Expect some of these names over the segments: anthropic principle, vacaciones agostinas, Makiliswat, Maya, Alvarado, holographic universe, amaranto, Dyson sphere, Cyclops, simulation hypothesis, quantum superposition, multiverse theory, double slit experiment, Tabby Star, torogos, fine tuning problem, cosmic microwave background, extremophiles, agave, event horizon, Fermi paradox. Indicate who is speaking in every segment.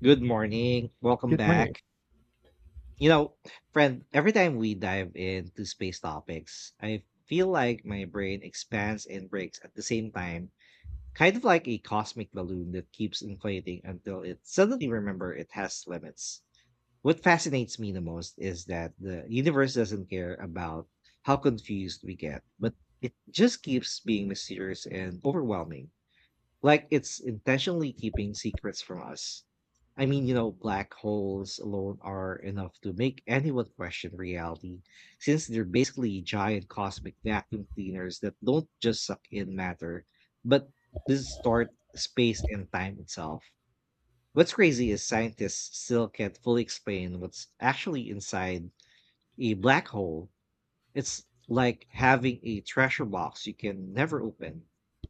Speaker 1: Good morning. Welcome
Speaker 2: Good morning.
Speaker 1: back. You know, friend, every time we dive into space topics, I feel like my brain expands and breaks at the same time, kind of like a cosmic balloon that keeps inflating until it suddenly remember it has limits. What fascinates me the most is that the universe doesn't care about how confused we get, but it just keeps being mysterious and overwhelming. Like it's intentionally keeping secrets from us. I mean, you know, black holes alone are enough to make anyone question reality, since they're basically giant cosmic vacuum cleaners that don't just suck in matter, but distort space and time itself. What's crazy is scientists still can't fully explain what's actually inside a black hole. It's like having a treasure box you can never open,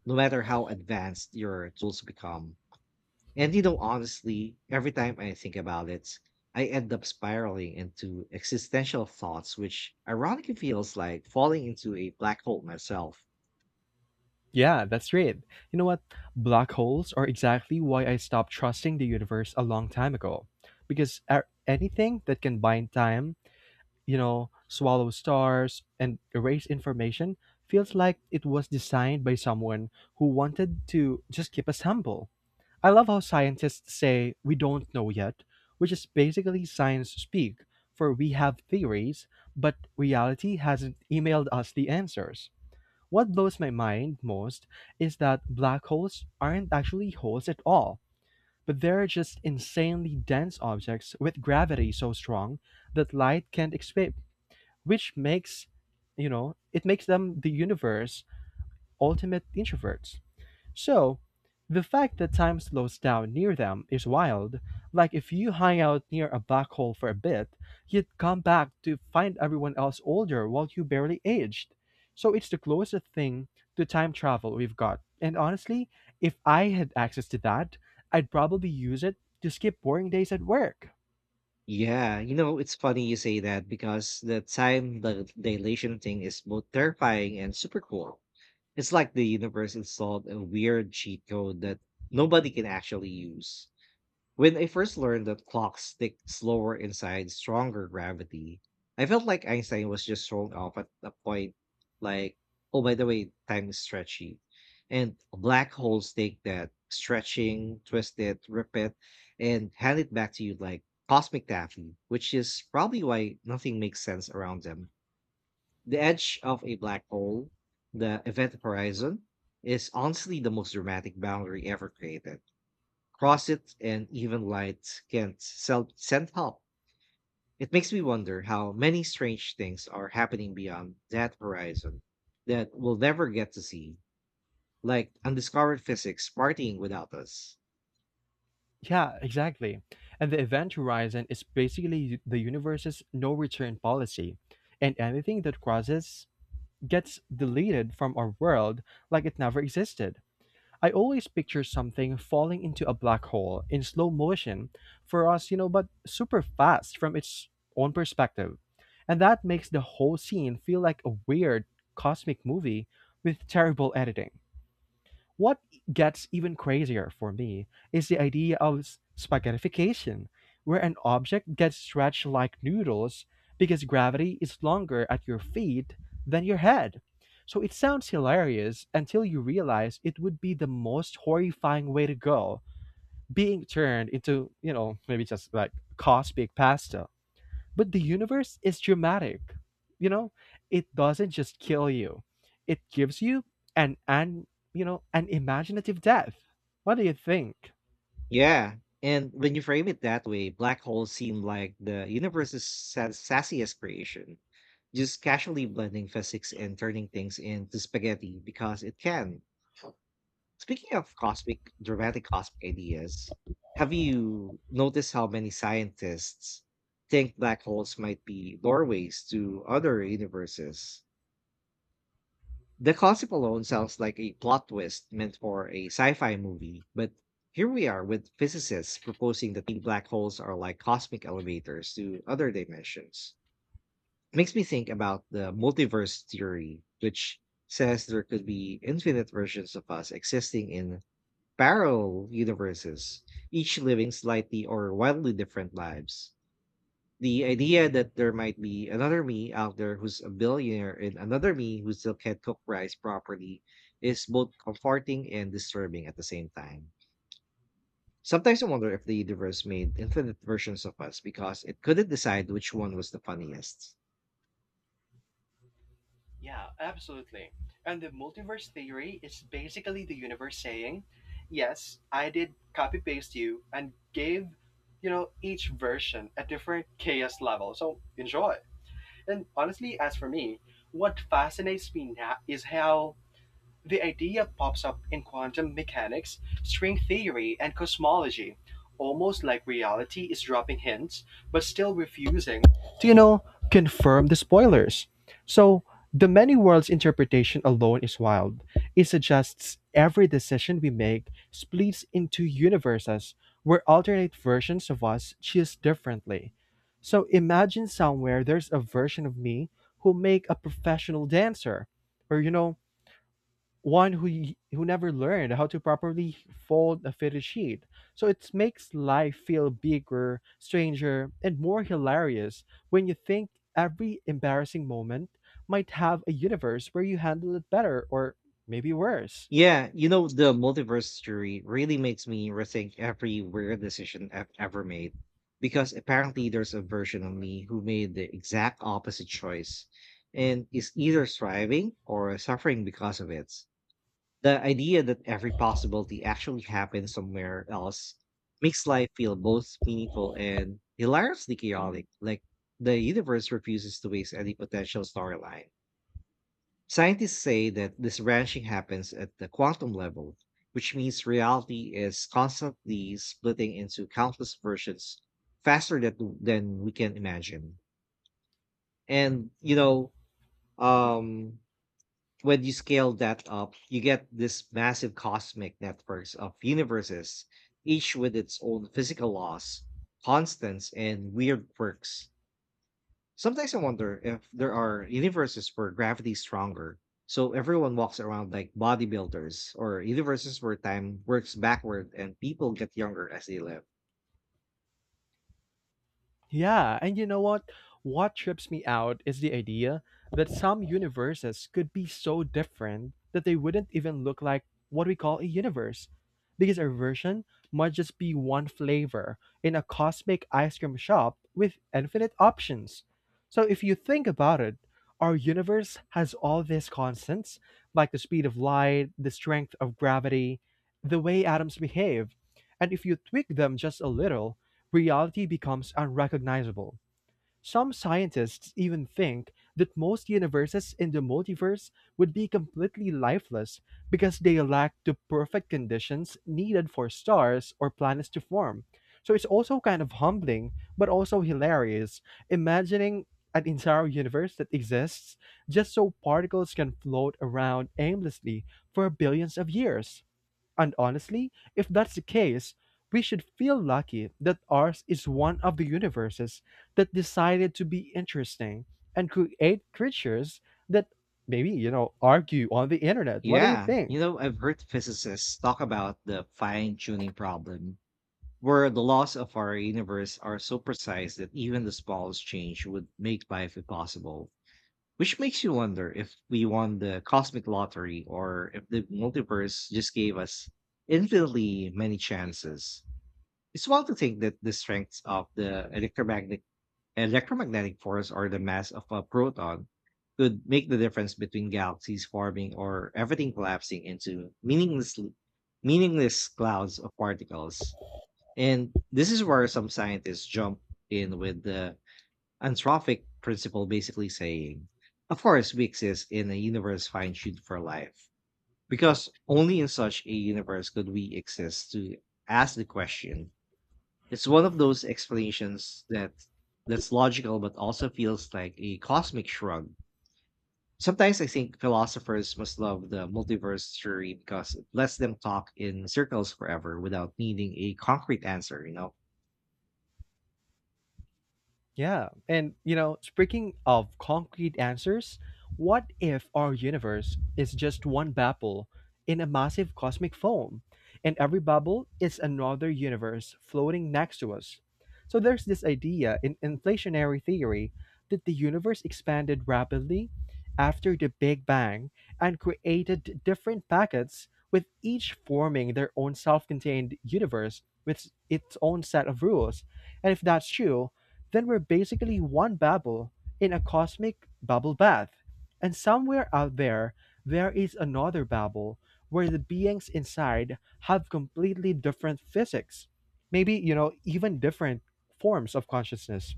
Speaker 1: no matter how advanced your tools become. And you know, honestly, every time I think about it, I end up spiraling into existential thoughts, which ironically feels like falling into a black hole myself.
Speaker 2: Yeah, that's right. You know what? Black holes are exactly why I stopped trusting the universe a long time ago. Because anything that can bind time, you know, swallow stars, and erase information feels like it was designed by someone who wanted to just keep us humble. I love how scientists say we don't know yet, which is basically science speak, for we have theories, but reality hasn't emailed us the answers. What blows my mind most is that black holes aren't actually holes at all, but they're just insanely dense objects with gravity so strong that light can't escape, which makes, you know, it makes them the universe's ultimate introverts. So, the fact that time slows down near them is wild, like if you hang out near a black hole for a bit, you'd come back to find everyone else older while you barely aged. So it's the closest thing to time travel we've got. And honestly, if I had access to that, I'd probably use it to skip boring days at work.
Speaker 1: Yeah, you know, it's funny you say that because the dilation thing is both terrifying and super cool. It's like the universe installed a weird cheat code that nobody can actually use. When I first learned that clocks tick slower inside stronger gravity, I felt like Einstein was just thrown off at a point like, oh, by the way, time is stretchy. And black holes take that stretching, twist it, rip it, and hand it back to you like cosmic taffy, which is probably why nothing makes sense around them. The edge of a black hole, the event horizon, is honestly the most dramatic boundary ever created. Crossit and even light can self send help. It makes me wonder how many strange things are happening beyond that horizon that we'll never get to see, like undiscovered physics partying without us.
Speaker 2: Yeah, exactly. And the event horizon is basically the universe's no return policy, and anything that crosses gets deleted from our world like it never existed. I always picture something falling into a black hole in slow motion for us, you know, but super fast from its own perspective. And that makes the whole scene feel like a weird cosmic movie with terrible editing. What gets even crazier for me is the idea of spaghettification, where an object gets stretched like noodles because gravity is longer at your feet than your head. So it sounds hilarious until you realize it would be the most horrifying way to go, being turned into, you know, maybe just like cosmic pasta. But the universe is dramatic. You know, it doesn't just kill you. It gives you an you know, an imaginative death. What do you think?
Speaker 1: Yeah. And when you frame it that way, black holes seem like the universe's sassiest creation, just casually blending physics and turning things into spaghetti because it can. Speaking of cosmic ideas, have you noticed how many scientists think black holes might be doorways to other universes? The concept alone sounds like a plot twist meant for a sci-fi movie, but here we are with physicists proposing that the black holes are like cosmic elevators to other dimensions. It makes me think about the multiverse theory, which says there could be infinite versions of us existing in parallel universes, each living slightly or wildly different lives. The idea that there might be another me out there who's a billionaire and another me who still can't cook rice properly is both comforting and disturbing at the same time. Sometimes I wonder if the universe made infinite versions of us because it couldn't decide which one was the funniest.
Speaker 2: Yeah, absolutely. And the multiverse theory is basically the universe saying, yes, I did copy paste you and gave, you know, each version a different chaos level. So enjoy. And honestly, as for me, what fascinates me now is how the idea pops up in quantum mechanics, string theory, and cosmology, almost like reality is dropping hints but still refusing to, you know, confirm the spoilers. So, the many worlds interpretation alone is wild. It suggests every decision we make splits into universes where alternate versions of us choose differently. So imagine somewhere there's a version of me who make a professional dancer, or you know, one who who never learned how to properly fold a fitted sheet. So it makes life feel bigger, stranger, and more hilarious when you think every embarrassing moment might have a universe where you handle it better or maybe worse.
Speaker 1: Yeah, you know, the multiverse theory really makes me rethink every weird decision I've ever made because apparently there's a version of me who made the exact opposite choice and is either thriving or suffering because of it. The idea that every possibility actually happens somewhere else makes life feel both meaningful and hilariously chaotic, like the universe refuses to waste any potential storyline. Scientists say that this branching happens at the quantum level, which means reality is constantly splitting into countless versions faster than we can imagine. And, you know, um, when you scale that up, you get this massive cosmic networks of universes, each with its own physical laws, constants, and weird quirks. Sometimes I wonder if there are universes where gravity's stronger, so everyone walks around like bodybuilders, or universes where time works backward and people get younger as they live.
Speaker 2: Yeah, and you know what? What trips me out is the idea that some universes could be so different that they wouldn't even look like what we call a universe. Because our version might just be one flavor in a cosmic ice cream shop with infinite options. So if you think about it, our universe has all these constants, like the speed of light, the strength of gravity, the way atoms behave. And if you tweak them just a little, reality becomes unrecognizable. Some scientists even think that most universes in the multiverse would be completely lifeless because they lack the perfect conditions needed for stars or planets to form. So it's also kind of humbling, but also hilarious, imagining an entire universe that exists just so particles can float around aimlessly for billions of years. And honestly, if that's the case, we should feel lucky that ours is one of the universes that decided to be interesting and create creatures that maybe, you know, argue on the internet. What do you
Speaker 1: Yeah, you
Speaker 2: think?
Speaker 1: know, I've heard physicists talk about the fine tuning problem, where the laws of our universe are so precise that even the smallest change would make life impossible. Which makes you wonder if we won the cosmic lottery or if the multiverse just gave us infinitely many chances. It's wild to think that the strengths of the electromagnetic force or the mass of a proton could make the difference between galaxies forming or everything collapsing into meaningless clouds of particles. And this is where some scientists jump in with the anthropic principle, basically saying, of course we exist in a universe fine-tuned for life. Because only in such a universe could we exist to ask the question. It's one of those explanations that's logical but also feels like a cosmic shrug. Sometimes I think philosophers must love the multiverse theory because it lets them talk in circles forever without needing a concrete answer, you know?
Speaker 2: Yeah. And, you know, speaking of concrete answers, what if our universe is just one bubble in a massive cosmic foam, and every bubble is another universe floating next to us? So there's this idea in inflationary theory that the universe expanded rapidly after the Big Bang and created different packets, with each forming their own self contained universe with its own set of rules. And if that's true, then we're basically one bubble in a cosmic bubble bath. And somewhere out there, there is another bubble where the beings inside have completely different physics. Maybe, you know, even different forms of consciousness.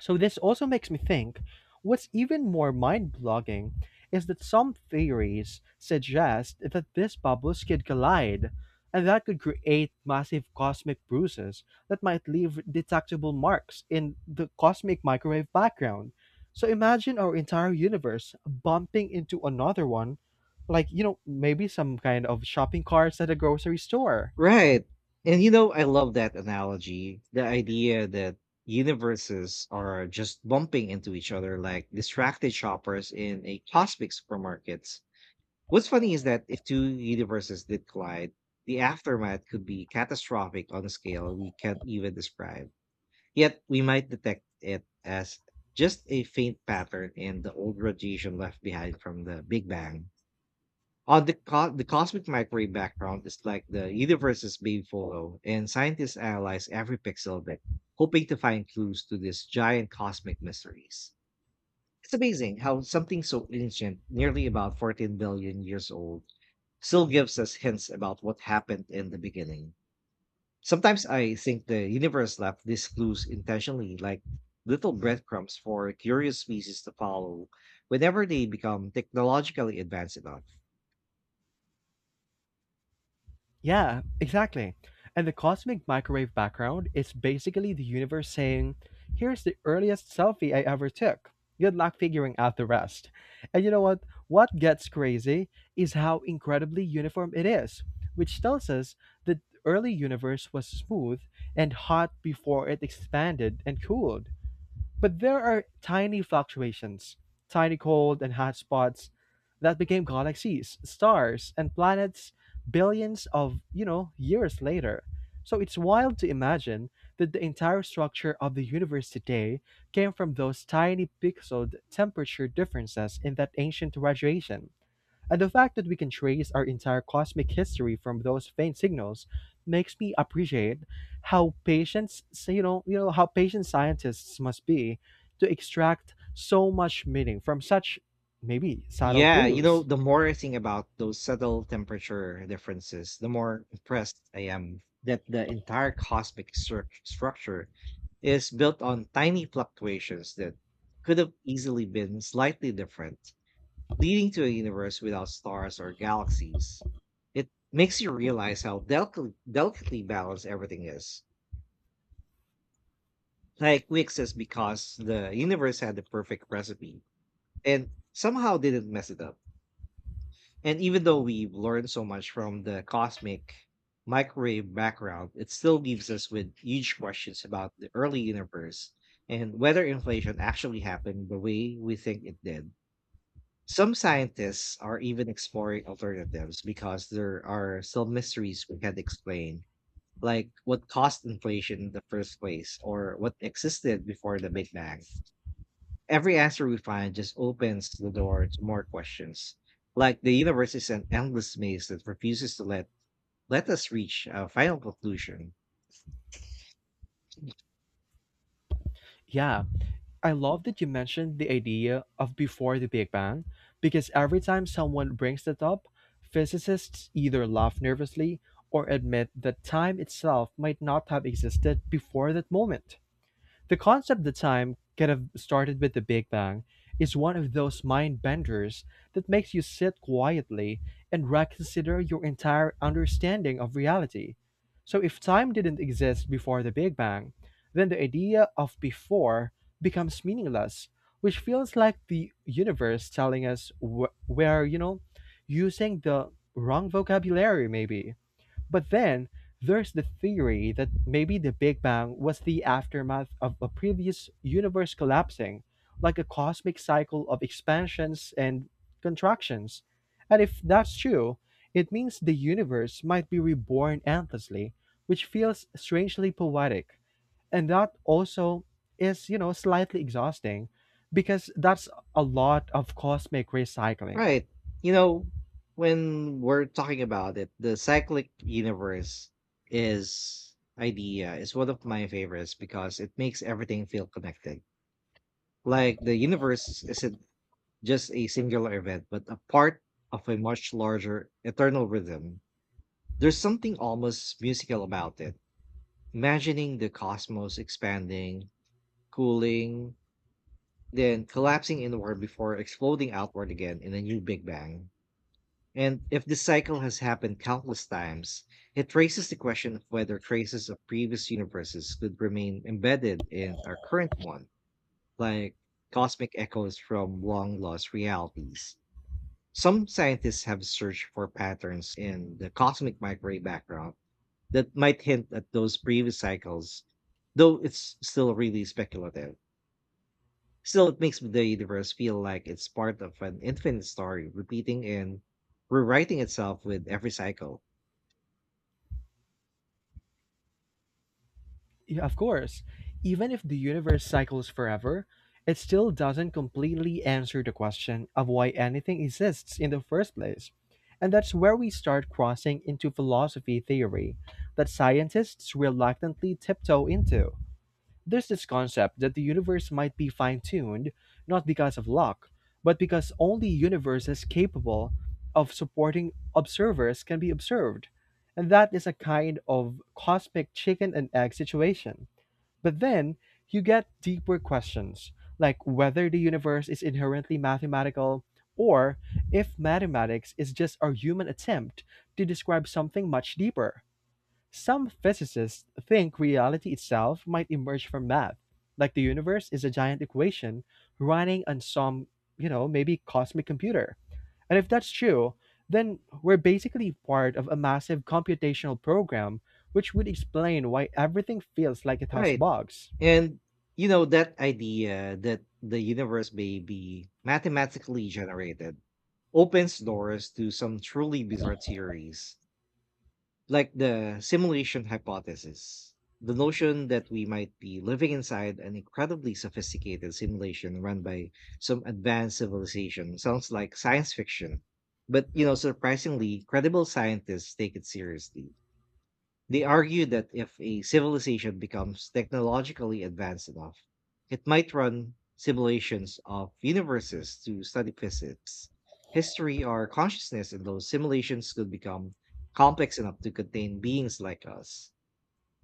Speaker 2: So this also makes me think what's even more mind-blogging is that some theories suggest that these bubbles could collide, and that could create massive cosmic bruises that might leave detectable marks in the cosmic microwave background. So imagine our entire universe bumping into another one, like, you know, maybe some kind of shopping carts at a grocery store.
Speaker 1: Right. And you know, I love that analogy. The idea that universes are just bumping into each other like distracted shoppers in a cosmic supermarket. What's funny is that if two universes did collide, the aftermath could be catastrophic on a scale we can't even describe. Yet we might detect it as just a faint pattern in the old radiation left behind from the Big Bang. The cosmic microwave background is like the universe's baby photo, and scientists analyze every pixel of it, hoping to find clues to these giant cosmic mysteries. It's amazing how something so ancient, nearly about 14 billion years old, still gives us hints about what happened in the beginning. Sometimes I think the universe left these clues intentionally, like little breadcrumbs for curious species to follow whenever they become technologically advanced enough.
Speaker 2: Yeah, exactly. And the cosmic microwave background is basically the universe saying, here's the earliest selfie I ever took. Good luck figuring out the rest. And you know what? What gets crazy is how incredibly uniform it is, which tells us that the early universe was smooth and hot before it expanded and cooled. But there are tiny fluctuations, tiny cold and hot spots that became galaxies, stars, and planets billions of, you know, years later. So it's wild to imagine that the entire structure of the universe today came from those tiny pixeled temperature differences in that ancient radiation. And the fact that we can trace our entire cosmic history from those faint signals makes me appreciate how patient, s- you know how patient scientists must be to extract so much meaning from such maybe subtle
Speaker 1: Yeah, you know,
Speaker 2: clues.
Speaker 1: the more I think about those subtle temperature differences, the more impressed I am that the entire cosmic structure is built on tiny fluctuations that could have easily been slightly different, leading to a universe without stars or galaxies. It makes you realize how delicately balanced everything is. Like we exist because the universe had the perfect recipe and somehow didn't mess it up. And even though we've learned so much from the cosmic microwave background, it still leaves us with huge questions about the early universe and whether inflation actually happened the way we think it did. Some scientists are even exploring alternatives because there are still mysteries we can't explain, like what caused inflation in the first place or what existed before the Big Bang. Every answer we find just opens the door to more questions. Like the universe is an endless maze that refuses to let us reach a final conclusion.
Speaker 2: Yeah, I love that you mentioned the idea of before the Big Bang because every time someone brings that up, physicists either laugh nervously or admit that time itself might not have existed before that moment. The concept that time could have started with the Big Bang is one of those mind benders that makes you sit quietly and reconsider your entire understanding of reality. So, if time didn't exist before the Big Bang, then the idea of before becomes meaningless, which feels like the universe telling us we're, you know, using the wrong vocabulary, maybe. But then there's the theory that maybe the Big Bang was the aftermath of a previous universe collapsing, like a cosmic cycle of expansions and contractions. And if that's true, it means the universe might be reborn endlessly, which feels strangely poetic. And that also is, you know, slightly exhausting because that's a lot of cosmic recycling.
Speaker 1: Right. You know, when we're talking about it, the cyclic universe is idea is one of my favorites because it makes everything feel connected. Like the universe isn't just a singular event, but a part of a much larger eternal rhythm. There's something almost musical about it. Imagining the cosmos expanding, cooling, then collapsing inward before exploding outward again in a new Big Bang. And if this cycle has happened countless times, it raises the question of whether traces of previous universes could remain embedded in our current one, like cosmic echoes from long lost realities. Some scientists have searched for patterns in the cosmic microwave background that might hint at those previous cycles, though it's still really speculative. Still, it makes the universe feel like it's part of an infinite story, repeating and rewriting itself with every cycle.
Speaker 2: Yeah, of course. Even if the universe cycles forever, it still doesn't completely answer the question of why anything exists in the first place. And that's where we start crossing into philosophy theory that scientists reluctantly tiptoe into. There's this concept that the universe might be fine tuned not because of luck, but because only universes capable of supporting observers can be observed. And that is a kind of cosmic chicken and egg situation, but then you get deeper questions, like whether the universe is inherently mathematical or if mathematics is just our human attempt to describe something much deeper. Some physicists think reality itself might emerge from math, like the universe is a giant equation running on some, you know, maybe cosmic computer. And if that's true, then we're basically part of a massive computational program which would explain why everything feels like it has
Speaker 1: Right.
Speaker 2: bugs.
Speaker 1: And you know that idea that the universe may be mathematically generated opens doors to some truly bizarre theories, like the simulation hypothesis. The notion that we might be living inside an incredibly sophisticated simulation run by some advanced civilization sounds like science fiction, but you know surprisingly credible scientists take it seriously. They argue that if a civilization becomes technologically advanced enough, it might run simulations of universes to study physics, history, or consciousness, and those simulations could become complex enough to contain beings like us.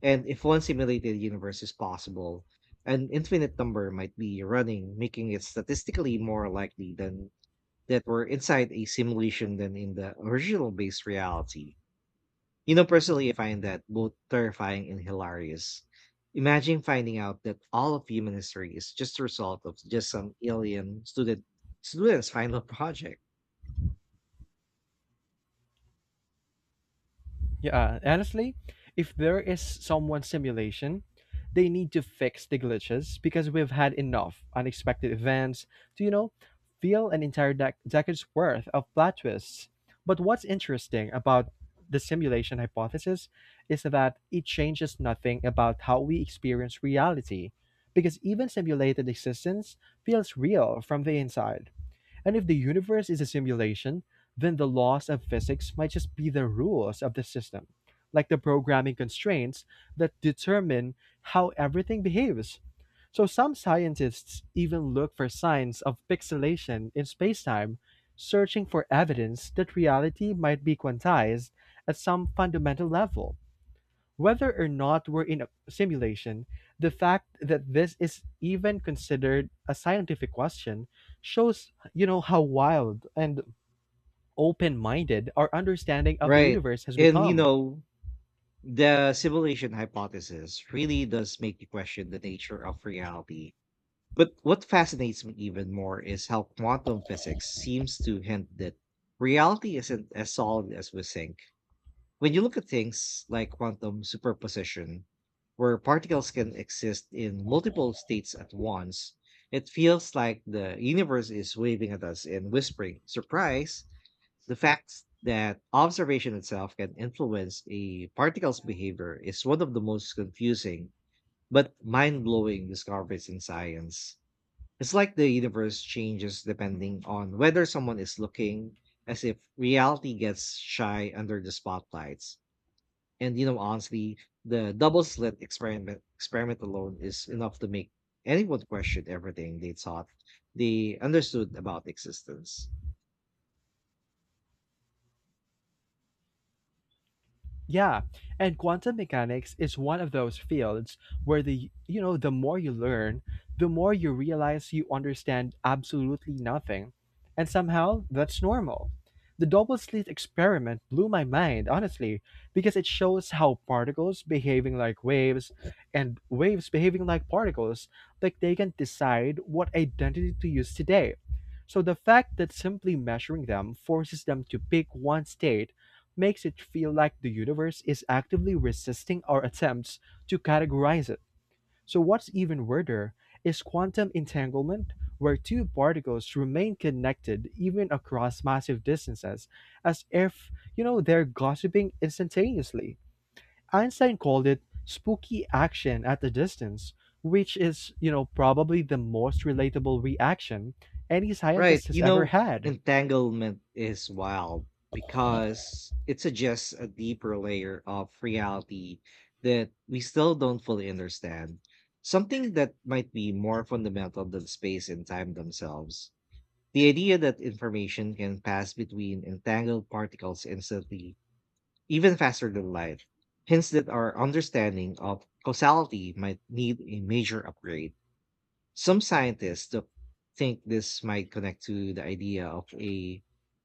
Speaker 1: And if one simulated universe is possible, an infinite number might be running, making it statistically more likely than that we're inside a simulation than in the original base reality. You know, personally, I find that both terrifying and hilarious. Imagine finding out that all of human history is just a result of just some alien student's final project.
Speaker 2: Yeah, honestly, if there is someone simulation, they need to fix the glitches because we've had enough unexpected events to, you know, feel an entire decade's worth of plot twists. But what's interesting about the simulation hypothesis is that it changes nothing about how we experience reality because even simulated existence feels real from the inside. And if the universe is a simulation, then the laws of physics might just be the rules of the system, like the programming constraints that determine how everything behaves. So some scientists even look for signs of pixelation in spacetime, searching for evidence that reality might be quantized at some fundamental level. Whether or not we're in a simulation, the fact that this is even considered a scientific question shows, you know, how wild and open-minded our understanding of the
Speaker 1: Right.
Speaker 2: universe has
Speaker 1: And you
Speaker 2: become.
Speaker 1: know, the simulation hypothesis really does make you question the nature of reality. But what fascinates me even more is how quantum physics seems to hint that reality isn't as solid as we think. When you look at things like quantum superposition, where particles can exist in multiple states at once, it feels like the universe is waving at us and whispering, surprise, the fact that observation itself can influence a particle's behavior is one of the most confusing but mind blowing discoveries in science. It's like the universe changes depending on whether someone is looking, as if reality gets shy under the spotlights. And you know, honestly, the double slit experiment alone is enough to make anyone question everything they thought they understood about existence.
Speaker 2: Yeah, and quantum mechanics is one of those fields where the more you learn, the more you realize you understand absolutely nothing. And somehow that's normal. The double slit experiment blew my mind, honestly, because it shows how particles behaving like waves and waves behaving like particles, like they can decide what identity to use today. So the fact that simply measuring them forces them to pick one state makes it feel like the universe is actively resisting our attempts to categorize it. So, what's even weirder is quantum entanglement, where two particles remain connected even across massive distances, as if, you know, they're gossiping instantaneously. Einstein called it spooky action at a distance, which is, probably the most relatable reaction any
Speaker 1: Right.
Speaker 2: scientist has
Speaker 1: You
Speaker 2: ever
Speaker 1: know,
Speaker 2: had.
Speaker 1: entanglement is wild because it suggests a deeper layer of reality that we still don't fully understand. Something that might be more fundamental than space and time themselves. The idea that information can pass between entangled particles instantly, even faster than light, hints that our understanding of causality might need a major upgrade. Some scientists think this might connect to the idea of a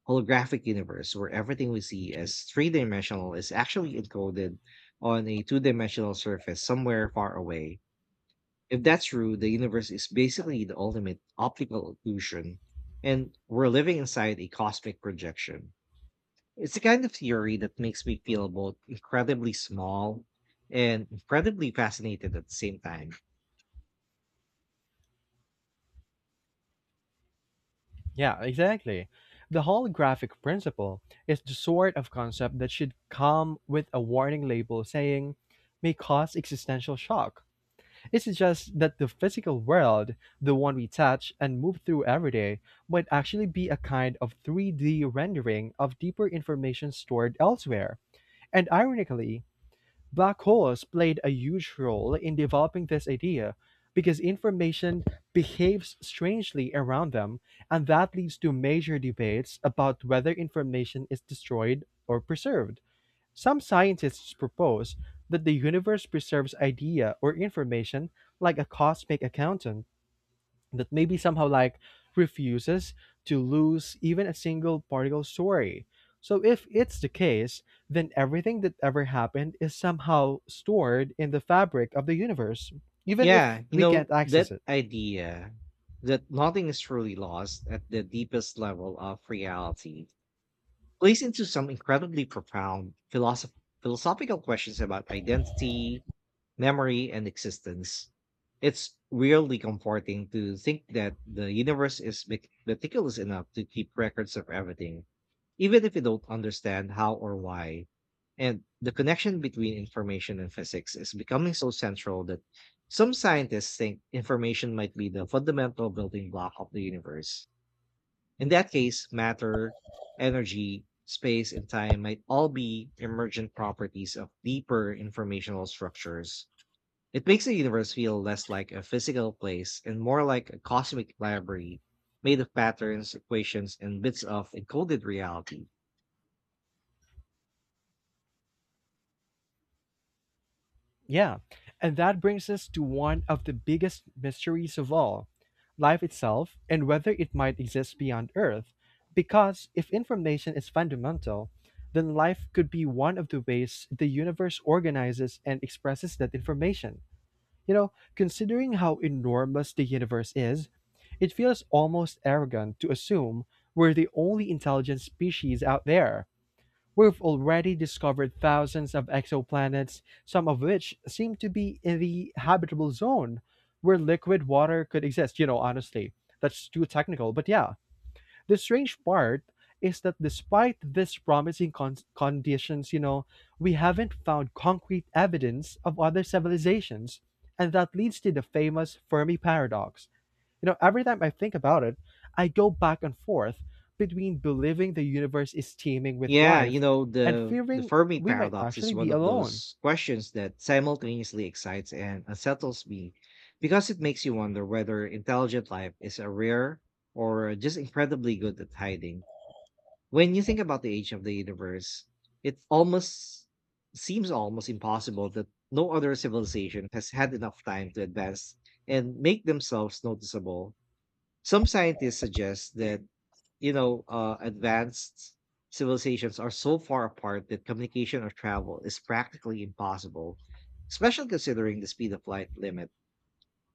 Speaker 1: holographic universe where everything we see as three dimensional is actually encoded on a two dimensional surface somewhere far away. If that's true, the universe is basically the ultimate optical illusion, and we're living inside a cosmic projection. It's the kind of theory that makes me feel both incredibly small and incredibly fascinated at the same time.
Speaker 2: Yeah, exactly. The holographic principle is the sort of concept that should come with a warning label saying may cause existential shock. It's just that the physical world, the one we touch and move through every day, might actually be a kind of 3D rendering of deeper information stored elsewhere. And ironically, black holes played a huge role in developing this idea, because information behaves strangely around them, and that leads to major debates about whether information is destroyed or preserved. Some scientists propose that the universe preserves idea or information like a cosmic accountant that maybe somehow like refuses to lose even a single particle story. So if it's the case, then everything that ever happened is somehow stored in the fabric of the universe, even if
Speaker 1: Yeah, you
Speaker 2: we can't
Speaker 1: know,
Speaker 2: access
Speaker 1: that
Speaker 2: it.
Speaker 1: idea that nothing is truly lost at the deepest level of reality plays into some incredibly profound philosophical questions about identity, memory, and existence. It's really comforting to think that the universe is meticulous enough to keep records of everything, even if you don't understand how or why. And the connection between information and physics is becoming so central that some scientists think information might be the fundamental building block of the universe. In that case, matter, energy, space, and time might all be emergent properties of deeper informational structures. It makes the universe feel less like a physical place and more like a cosmic library made of patterns, equations, and bits of encoded reality.
Speaker 2: Yeah, and that brings us to one of the biggest mysteries of all life itself and whether it might exist beyond Earth. Because if information is fundamental, then life could be one of the ways the universe organizes and expresses that information. Considering how enormous the universe is, it feels almost arrogant to assume we're the only intelligent species out there. We've already discovered thousands of exoplanets, some of which seem to be in the habitable zone where liquid water could exist. Honestly, that's too technical. But yeah, the strange part is that despite these promising conditions, we haven't found concrete evidence of other civilizations. And that leads to the famous Fermi paradox. Every time I think about it, I go back and forth between believing the universe is teeming with
Speaker 1: Yeah, you
Speaker 2: life
Speaker 1: know,
Speaker 2: and
Speaker 1: the
Speaker 2: fearing
Speaker 1: Fermi
Speaker 2: we might
Speaker 1: paradox is
Speaker 2: actually
Speaker 1: one
Speaker 2: be
Speaker 1: of
Speaker 2: alone.
Speaker 1: those questions that simultaneously excites and unsettles me, because it makes you wonder whether intelligent life is a rare or just incredibly good at hiding. When you think about the age of the universe, it almost seems almost impossible that no other civilization has had enough time to advance and make themselves noticeable. Some scientists suggest that, advanced civilizations are so far apart that communication or travel is practically impossible, especially considering the speed of light limit.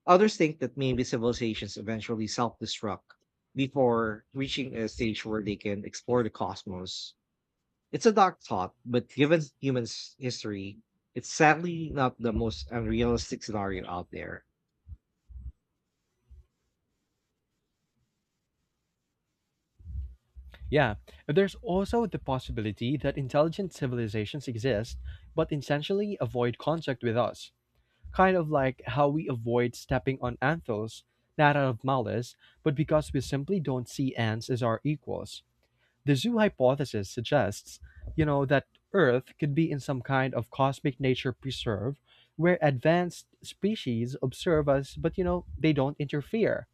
Speaker 1: Others think that maybe civilizations eventually self destruct before reaching a stage where they can explore the cosmos. It's a dark thought, but given human history, it's sadly not the most unrealistic scenario out there.
Speaker 2: Yeah, there's also the possibility that intelligent civilizations exist but intentionally avoid contact with us, kind of like how we avoid stepping on anthills, not out of malice, but because we simply don't see ants as our equals. The zoo hypothesis suggests, that Earth could be in some kind of cosmic nature preserve where advanced species observe us, but they don't interfere.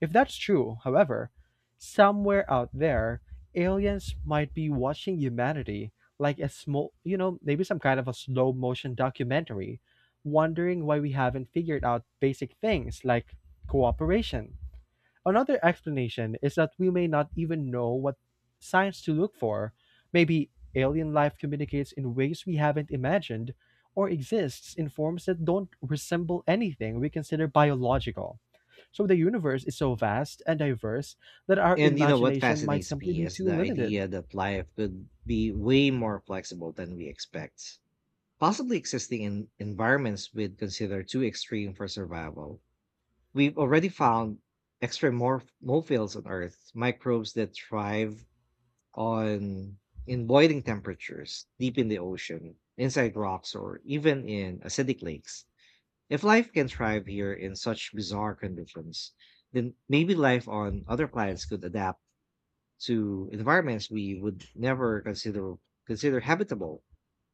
Speaker 2: If that's true, however, somewhere out there, aliens might be watching humanity like a small, maybe some kind of a slow motion documentary, wondering why we haven't figured out basic things like cooperation. Another explanation is that we may not even know what signs to look for. Maybe alien life communicates in ways we haven't imagined or exists in forms that don't resemble anything we consider biological. So the universe is so vast and diverse that our
Speaker 1: And you know what
Speaker 2: imagination might
Speaker 1: fascinates
Speaker 2: simply
Speaker 1: me
Speaker 2: be
Speaker 1: is
Speaker 2: too
Speaker 1: the
Speaker 2: limited.
Speaker 1: idea that life could be way more flexible than we expect, possibly existing in environments we'd consider too extreme for survival. We've already found extremophiles on Earth, microbes that thrive on in boiling temperatures, deep in the ocean, inside rocks, or even in acidic lakes. If life can thrive here in such bizarre conditions, then maybe life on other planets could adapt to environments we would never consider habitable.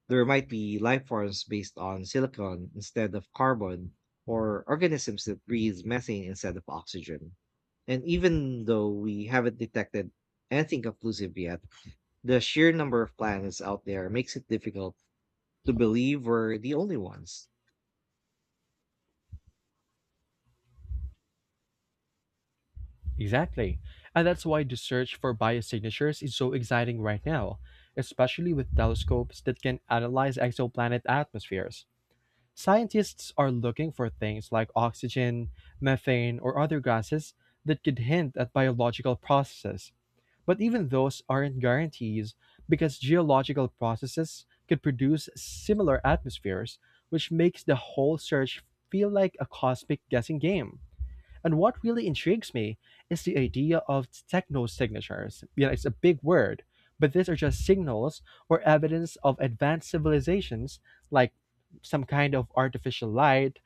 Speaker 1: There might be life forms based on silicon instead of carbon, or organisms that breathe methane instead of oxygen. And even though we haven't detected anything conclusive yet, the sheer number of planets out there makes it difficult to believe we're the only ones.
Speaker 2: Exactly. And that's why the search for biosignatures is so exciting right now, especially with telescopes that can analyze exoplanet atmospheres. Scientists are looking for things like oxygen, methane, or other gases that could hint at biological processes. But even those aren't guarantees because geological processes could produce similar atmospheres, which makes the whole search feel like a cosmic guessing game. And what really intrigues me is the idea of techno signatures. It's a big word, but these are just signals or evidence of advanced civilizations, like some kind of artificial light,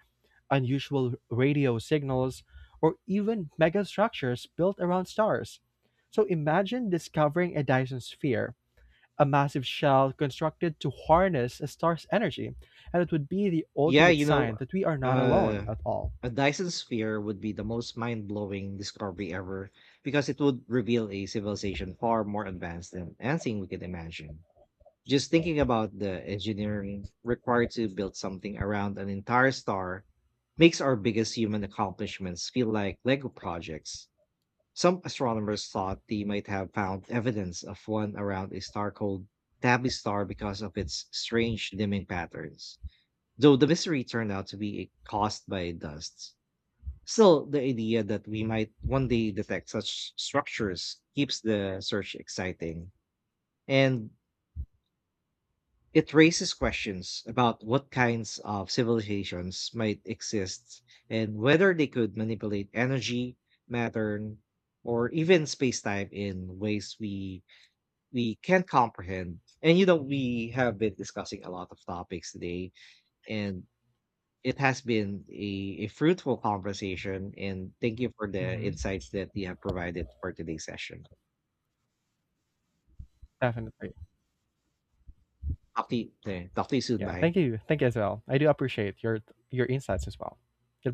Speaker 2: unusual radio signals, or even megastructures built around stars. So imagine discovering a Dyson sphere, a massive shell constructed to harness a star's energy, and it would be the
Speaker 1: Yeah,
Speaker 2: ultimate sign that we are not alone
Speaker 1: uh,
Speaker 2: at all.
Speaker 1: a Dyson sphere would be the most mind-blowing discovery ever, because it would reveal a civilization far more advanced than anything we could imagine. Just thinking about the engineering required to build something around an entire star makes our biggest human accomplishments feel like Lego projects. Some astronomers thought they might have found evidence of one around a star called Tabby Star, because of its strange dimming patterns, though the mystery turned out to be caused by dust. Still, the idea that we might one day detect such structures keeps the search exciting. And it raises questions about what kinds of civilizations might exist and whether they could manipulate energy, matter, or even space-time in ways we can't comprehend. And you know, we have been discussing a lot of topics today, and it has been a fruitful conversation, and thank you for the
Speaker 2: Hmm.
Speaker 1: insights that you have provided for today's session.
Speaker 2: Definitely.
Speaker 1: Talk to you, talk to you soon.
Speaker 2: Yeah,
Speaker 1: Bye.
Speaker 2: thank you. Thank you as well. I do appreciate your insights as well.